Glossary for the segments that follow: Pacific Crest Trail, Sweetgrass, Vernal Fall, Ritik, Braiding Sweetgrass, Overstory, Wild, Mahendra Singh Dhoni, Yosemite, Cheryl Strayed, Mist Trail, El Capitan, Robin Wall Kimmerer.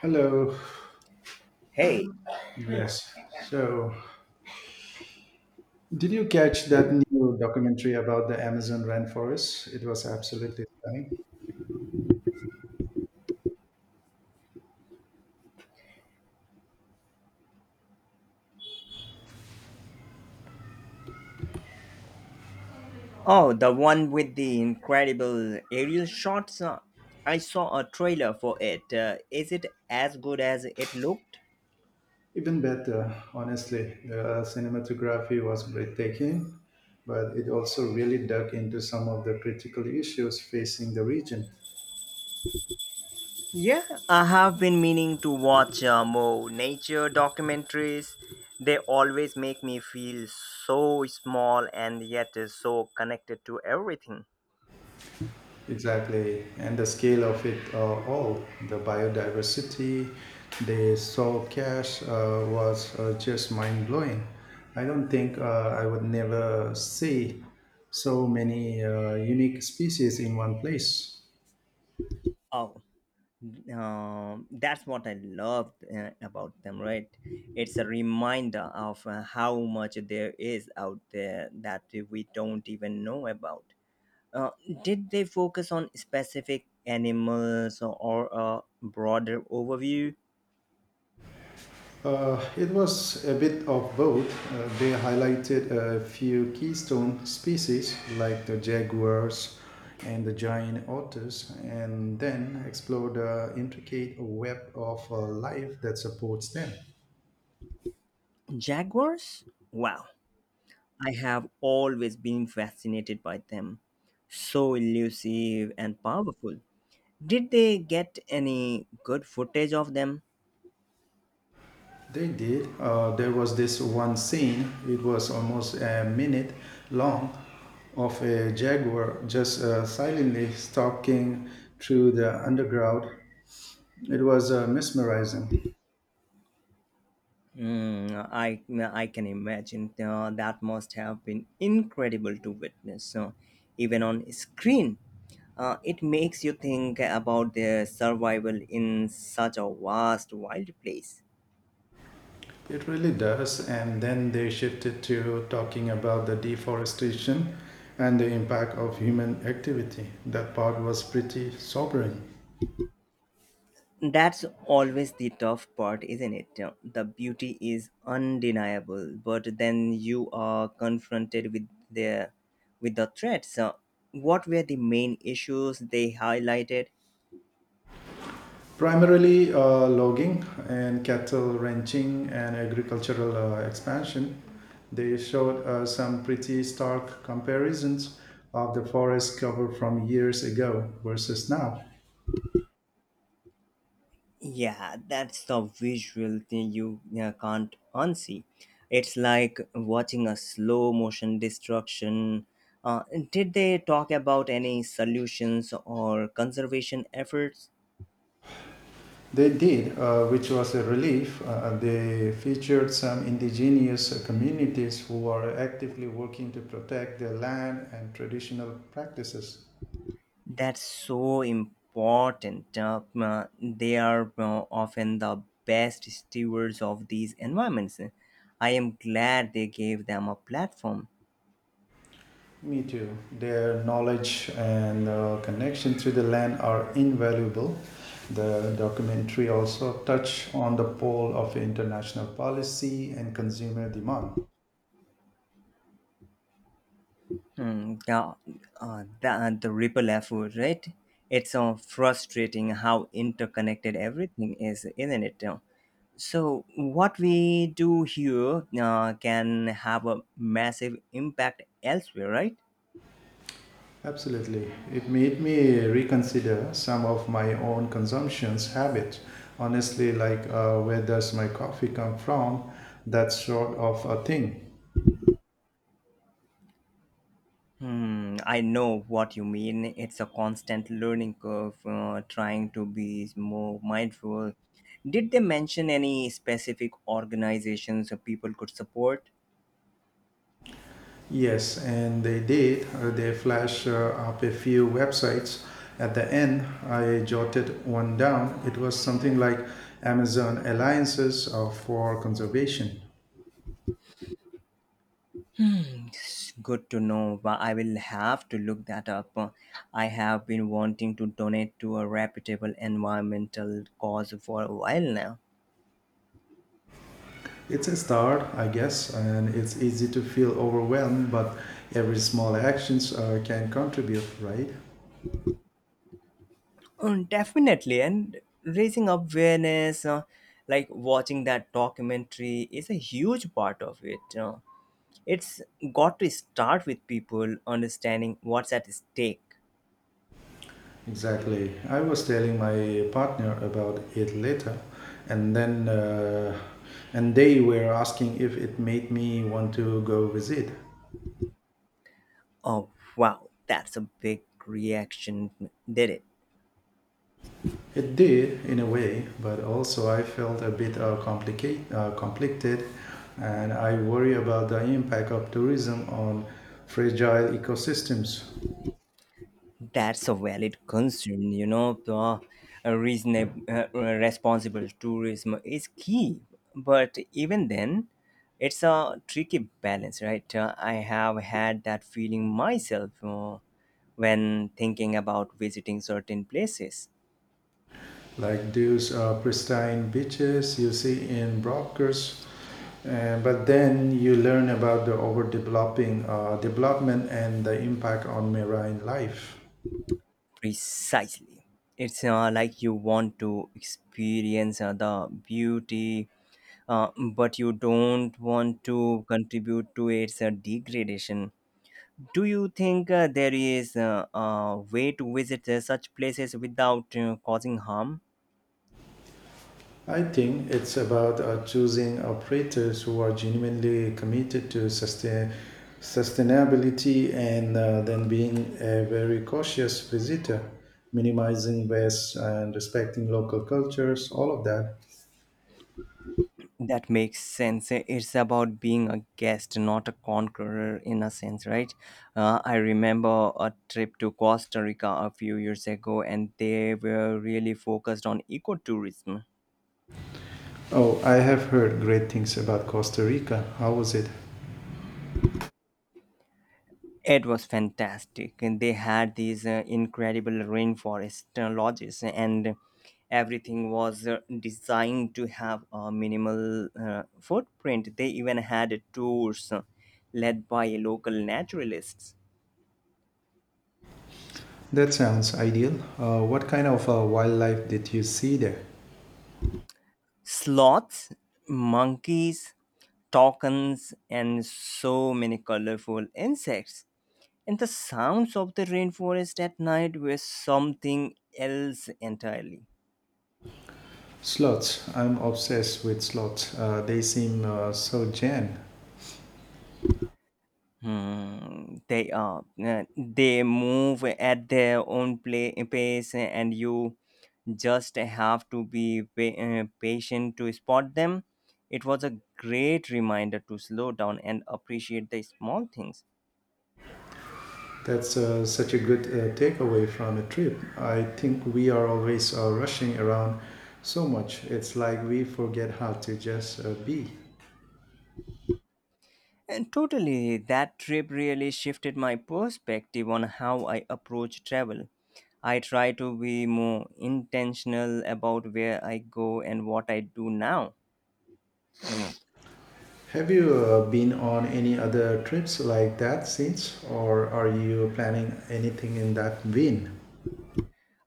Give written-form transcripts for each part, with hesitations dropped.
Hello. Hey. Yes. So, did you catch that new documentary about the Amazon rainforest? It was absolutely stunning. Oh, the one with the incredible aerial shots. I saw a trailer for it. Is it as good as it looked? Even better, honestly. The cinematography was breathtaking, but it also really dug into some of the critical issues facing the region. Yeah, I have been meaning to watch more nature documentaries. They always make me feel so small, and yet so connected to everything. Exactly, and the scale of it all, the biodiversity they saw cash was just mind blowing. I don't think I would never see so many unique species in one place. Oh, that's what I loved about them, right? It's a reminder of how much there is out there that we don't even know about. Uh, did they focus on specific animals or a broader overview? It was a bit of both. They highlighted a few keystone species like the jaguars and the giant otters, and then explored the intricate web of life that supports them. Jaguars? Wow, I have always been fascinated by them. So elusive and powerful. Did they get any good footage of them? They did. There was this one scene, it was almost a minute long, of a jaguar just silently stalking through the underground. It was mesmerizing. Mm, I I can imagine that must have been incredible to witness. So, even on screen, it makes you think about their survival in such a vast, wild place. It really does. And then they shifted to talking about the deforestation and the impact of human activity. That part was pretty sobering. That's always the tough part, isn't it? The beauty is undeniable, but then you are confronted with the threats. What were the main issues they highlighted? Primarily logging and cattle ranching and agricultural expansion. They showed some pretty stark comparisons of the forest cover from years ago versus now. Yeah, that's the visual thing you can't unsee. It's like watching a slow motion destruction. Uh, did they talk about any solutions or conservation efforts? They did, which was a relief. They featured some indigenous communities who are actively working to protect their land and traditional practices. That's so important. They are often the best stewards of these environments. I am glad they gave them a platform. Me too. Their knowledge and connection to the land are invaluable. The documentary also touched on the pole of international policy and consumer demand. Mm, yeah, the ripple effect, right? It's frustrating how interconnected everything is, isn't it? So, what we do here can have a massive impact elsewhere, right? Absolutely. It made me reconsider some of my own consumptions habits. Honestly, like where does my coffee come from? That sort of a thing. Hmm, I know what you mean. It's a constant learning curve, trying to be more mindful. Did they mention any specific organizations or people could support? Yes, and they did. They flash up a few websites. At the end, I jotted one down. It was something like Amazon Alliances for Conservation. Hmm, it's good to know, but I will have to look that up. I have been wanting to donate to a reputable environmental cause for a while now. It's a start, I guess, and it's easy to feel overwhelmed, but every small actions can contribute, right? Definitely, and raising awareness, like watching that documentary, is a huge part of it. It's got to start with people understanding what's at stake. Exactly. I was telling my partner about it later, and then uh, and they were asking if it made me want to go visit. Oh, wow, that's a big reaction, did it? It did in a way, but also I felt a bit conflicted, and I worry about the impact of tourism on fragile ecosystems. That's a valid concern, you know. The reasonable, responsible tourism is key, but even then, it's a tricky balance, right? I have had that feeling myself when thinking about visiting certain places. Like those pristine beaches you see in Brockers. But then you learn about the overdeveloping development and the impact on marine life. Precisely, it's like you want to experience the beauty, uh, but you don't want to contribute to its degradation. Do you think there is a way to visit such places without causing harm? I think it's about choosing operators who are genuinely committed to sustainability and then being a very cautious visitor, minimizing waste and respecting local cultures, all of that. That makes sense. It's about being a guest, not a conqueror, in a sense, right? I remember a trip to Costa Rica a few years ago, and they were really focused on ecotourism. Oh, I have heard great things about Costa Rica. How was it? It was fantastic. And they had these incredible rainforest lodges, and everything was designed to have a minimal footprint. They even had tours led by local naturalists. That sounds ideal. What kind of wildlife did you see there? Sloths, monkeys, toucans, and so many colorful insects. And the sounds of the rainforest at night were something else entirely. Sloths. I'm obsessed with sloths. They seem so zen. Hmm, they are. They move at their own pace, and you just have to be patient to spot them. It was a great reminder to slow down and appreciate the small things. That's such a good takeaway from a trip. I think we are always rushing around so much. It's like we forget how to just be. And totally, that trip really shifted my perspective on how I approach travel. I try to be more intentional about where I go and what I do now. Have you been on any other trips like that since, or are you planning anything in that vein?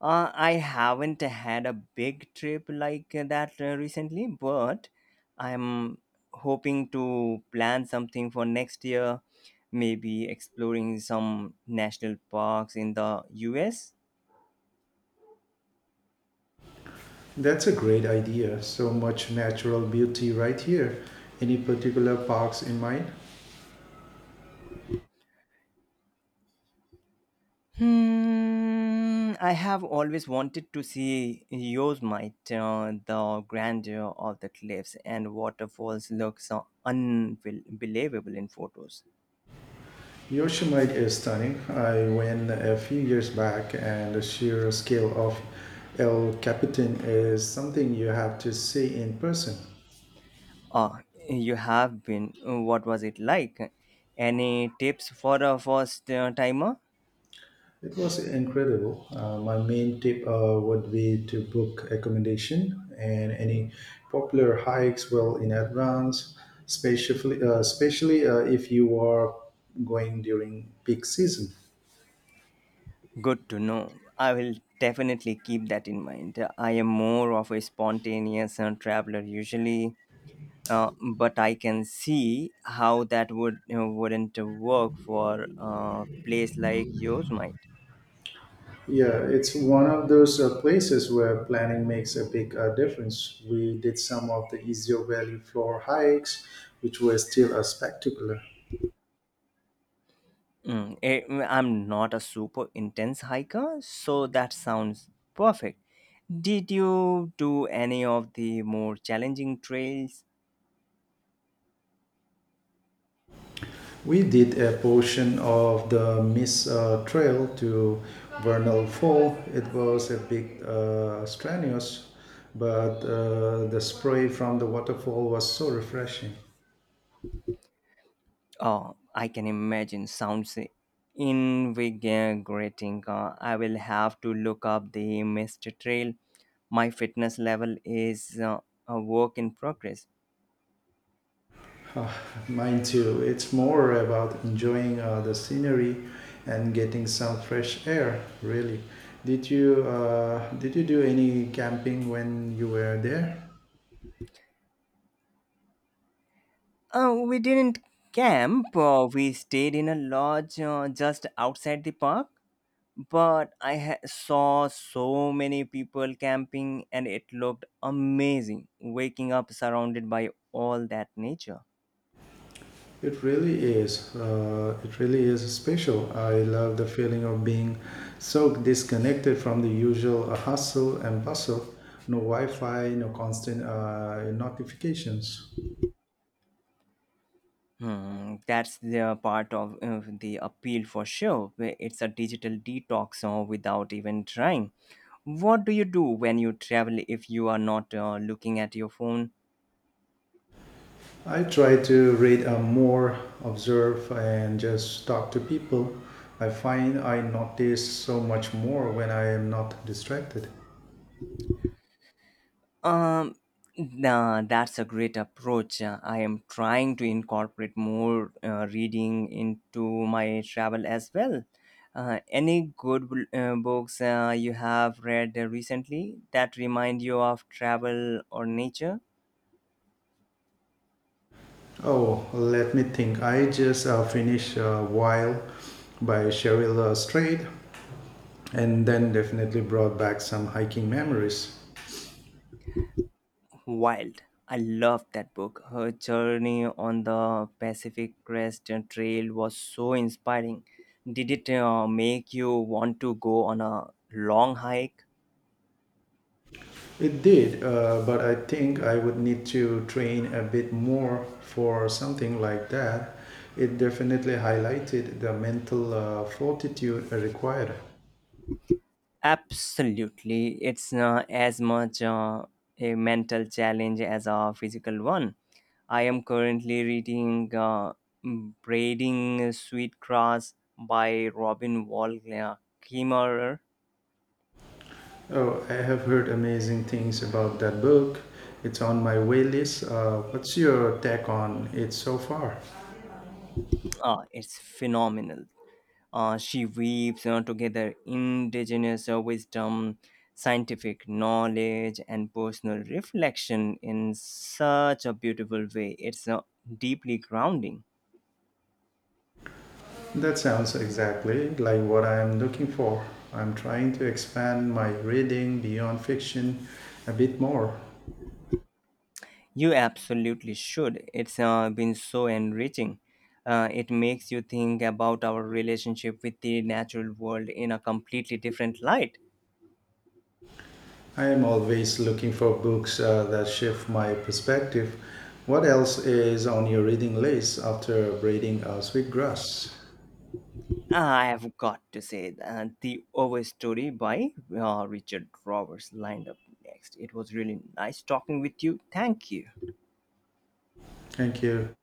I haven't had a big trip like that recently, but I'm hoping to plan something for next year, maybe exploring some national parks in the US. That's a great idea. So much natural beauty right here. Any particular parks in mind? Hmm, I have always wanted to see Yosemite. The grandeur of the cliffs and waterfalls looks so unbelievable in photos. Yosemite is stunning. I went a few years back, and the sheer scale of El Capitan is something you have to see in person. Ah, you have been. What was it like? Any tips for a first timer? It was incredible. My main tip would be to book accommodation and any popular hikes well in advance, especially if you are going during peak season. Good to know. I will definitely keep that in mind. I am more of a spontaneous traveler usually, but I can see how that would, you know, wouldn't work for a place like yours, Mike. Yeah, it's one of those places where planning makes a big difference. We did some of the easier valley floor hikes, which were still a spectacular. I'm not a super intense hiker, so that sounds perfect. Did you do any of the more challenging trails? We did a portion of the Miss Trail to Vernal Fall. It was a bit strenuous, but the spray from the waterfall was so refreshing. Oh, I can imagine, sounds invigorating. I will have to look up the mist trail. My fitness level is a work in progress. Uh, mine too. It's more about enjoying the scenery and getting some fresh air, really. Did you do any camping when you were there? We didn't camp, we stayed in a lodge just outside the park, but saw so many people camping, and it looked amazing waking up surrounded by all that nature. It really is. It really is special. I love the feeling of being so disconnected from the usual hustle and bustle. No Wi-Fi, no constant notifications. Hmm, that's the part of the appeal for sure. where It's a digital detox without even trying. What do you do when you travel if you are not looking at your phone? I try to read more, observe, and just talk to people. I find I notice so much more when I am not distracted. Um, nah, that's a great approach. I am trying to incorporate more reading into my travel as well. Any good books you have read recently that remind you of travel or nature? Oh, let me think. I just finished Wild by Cheryl Strait and then definitely brought back some hiking memories. Wild. I love that book. Her journey on the Pacific Crest Trail was so inspiring. Did it make you want to go on a long hike? It did, but I think I would need to train a bit more for something like that. It definitely highlighted the mental fortitude required. Absolutely, it's as much a mental challenge as a physical one. I am currently reading Braiding Sweetgrass" by Robin Wall Kimmerer. Oh, I have heard amazing things about that book. It's on my way list. What's your take on it so far? Ah, it's phenomenal. She weaves together indigenous wisdom, scientific knowledge, and personal reflection in such a beautiful way. It's deeply grounding. That sounds exactly like what I am looking for. I'm trying to expand my reading beyond fiction a bit more. You absolutely should. It's been so enriching. It makes you think about our relationship with the natural world in a completely different light. I am always looking for books that shift my perspective. What else is on your reading list after reading Sweetgrass? I have got to say that the Overstory by Richard Roberts lined up next. It was really nice talking with you. Thank you. Thank you.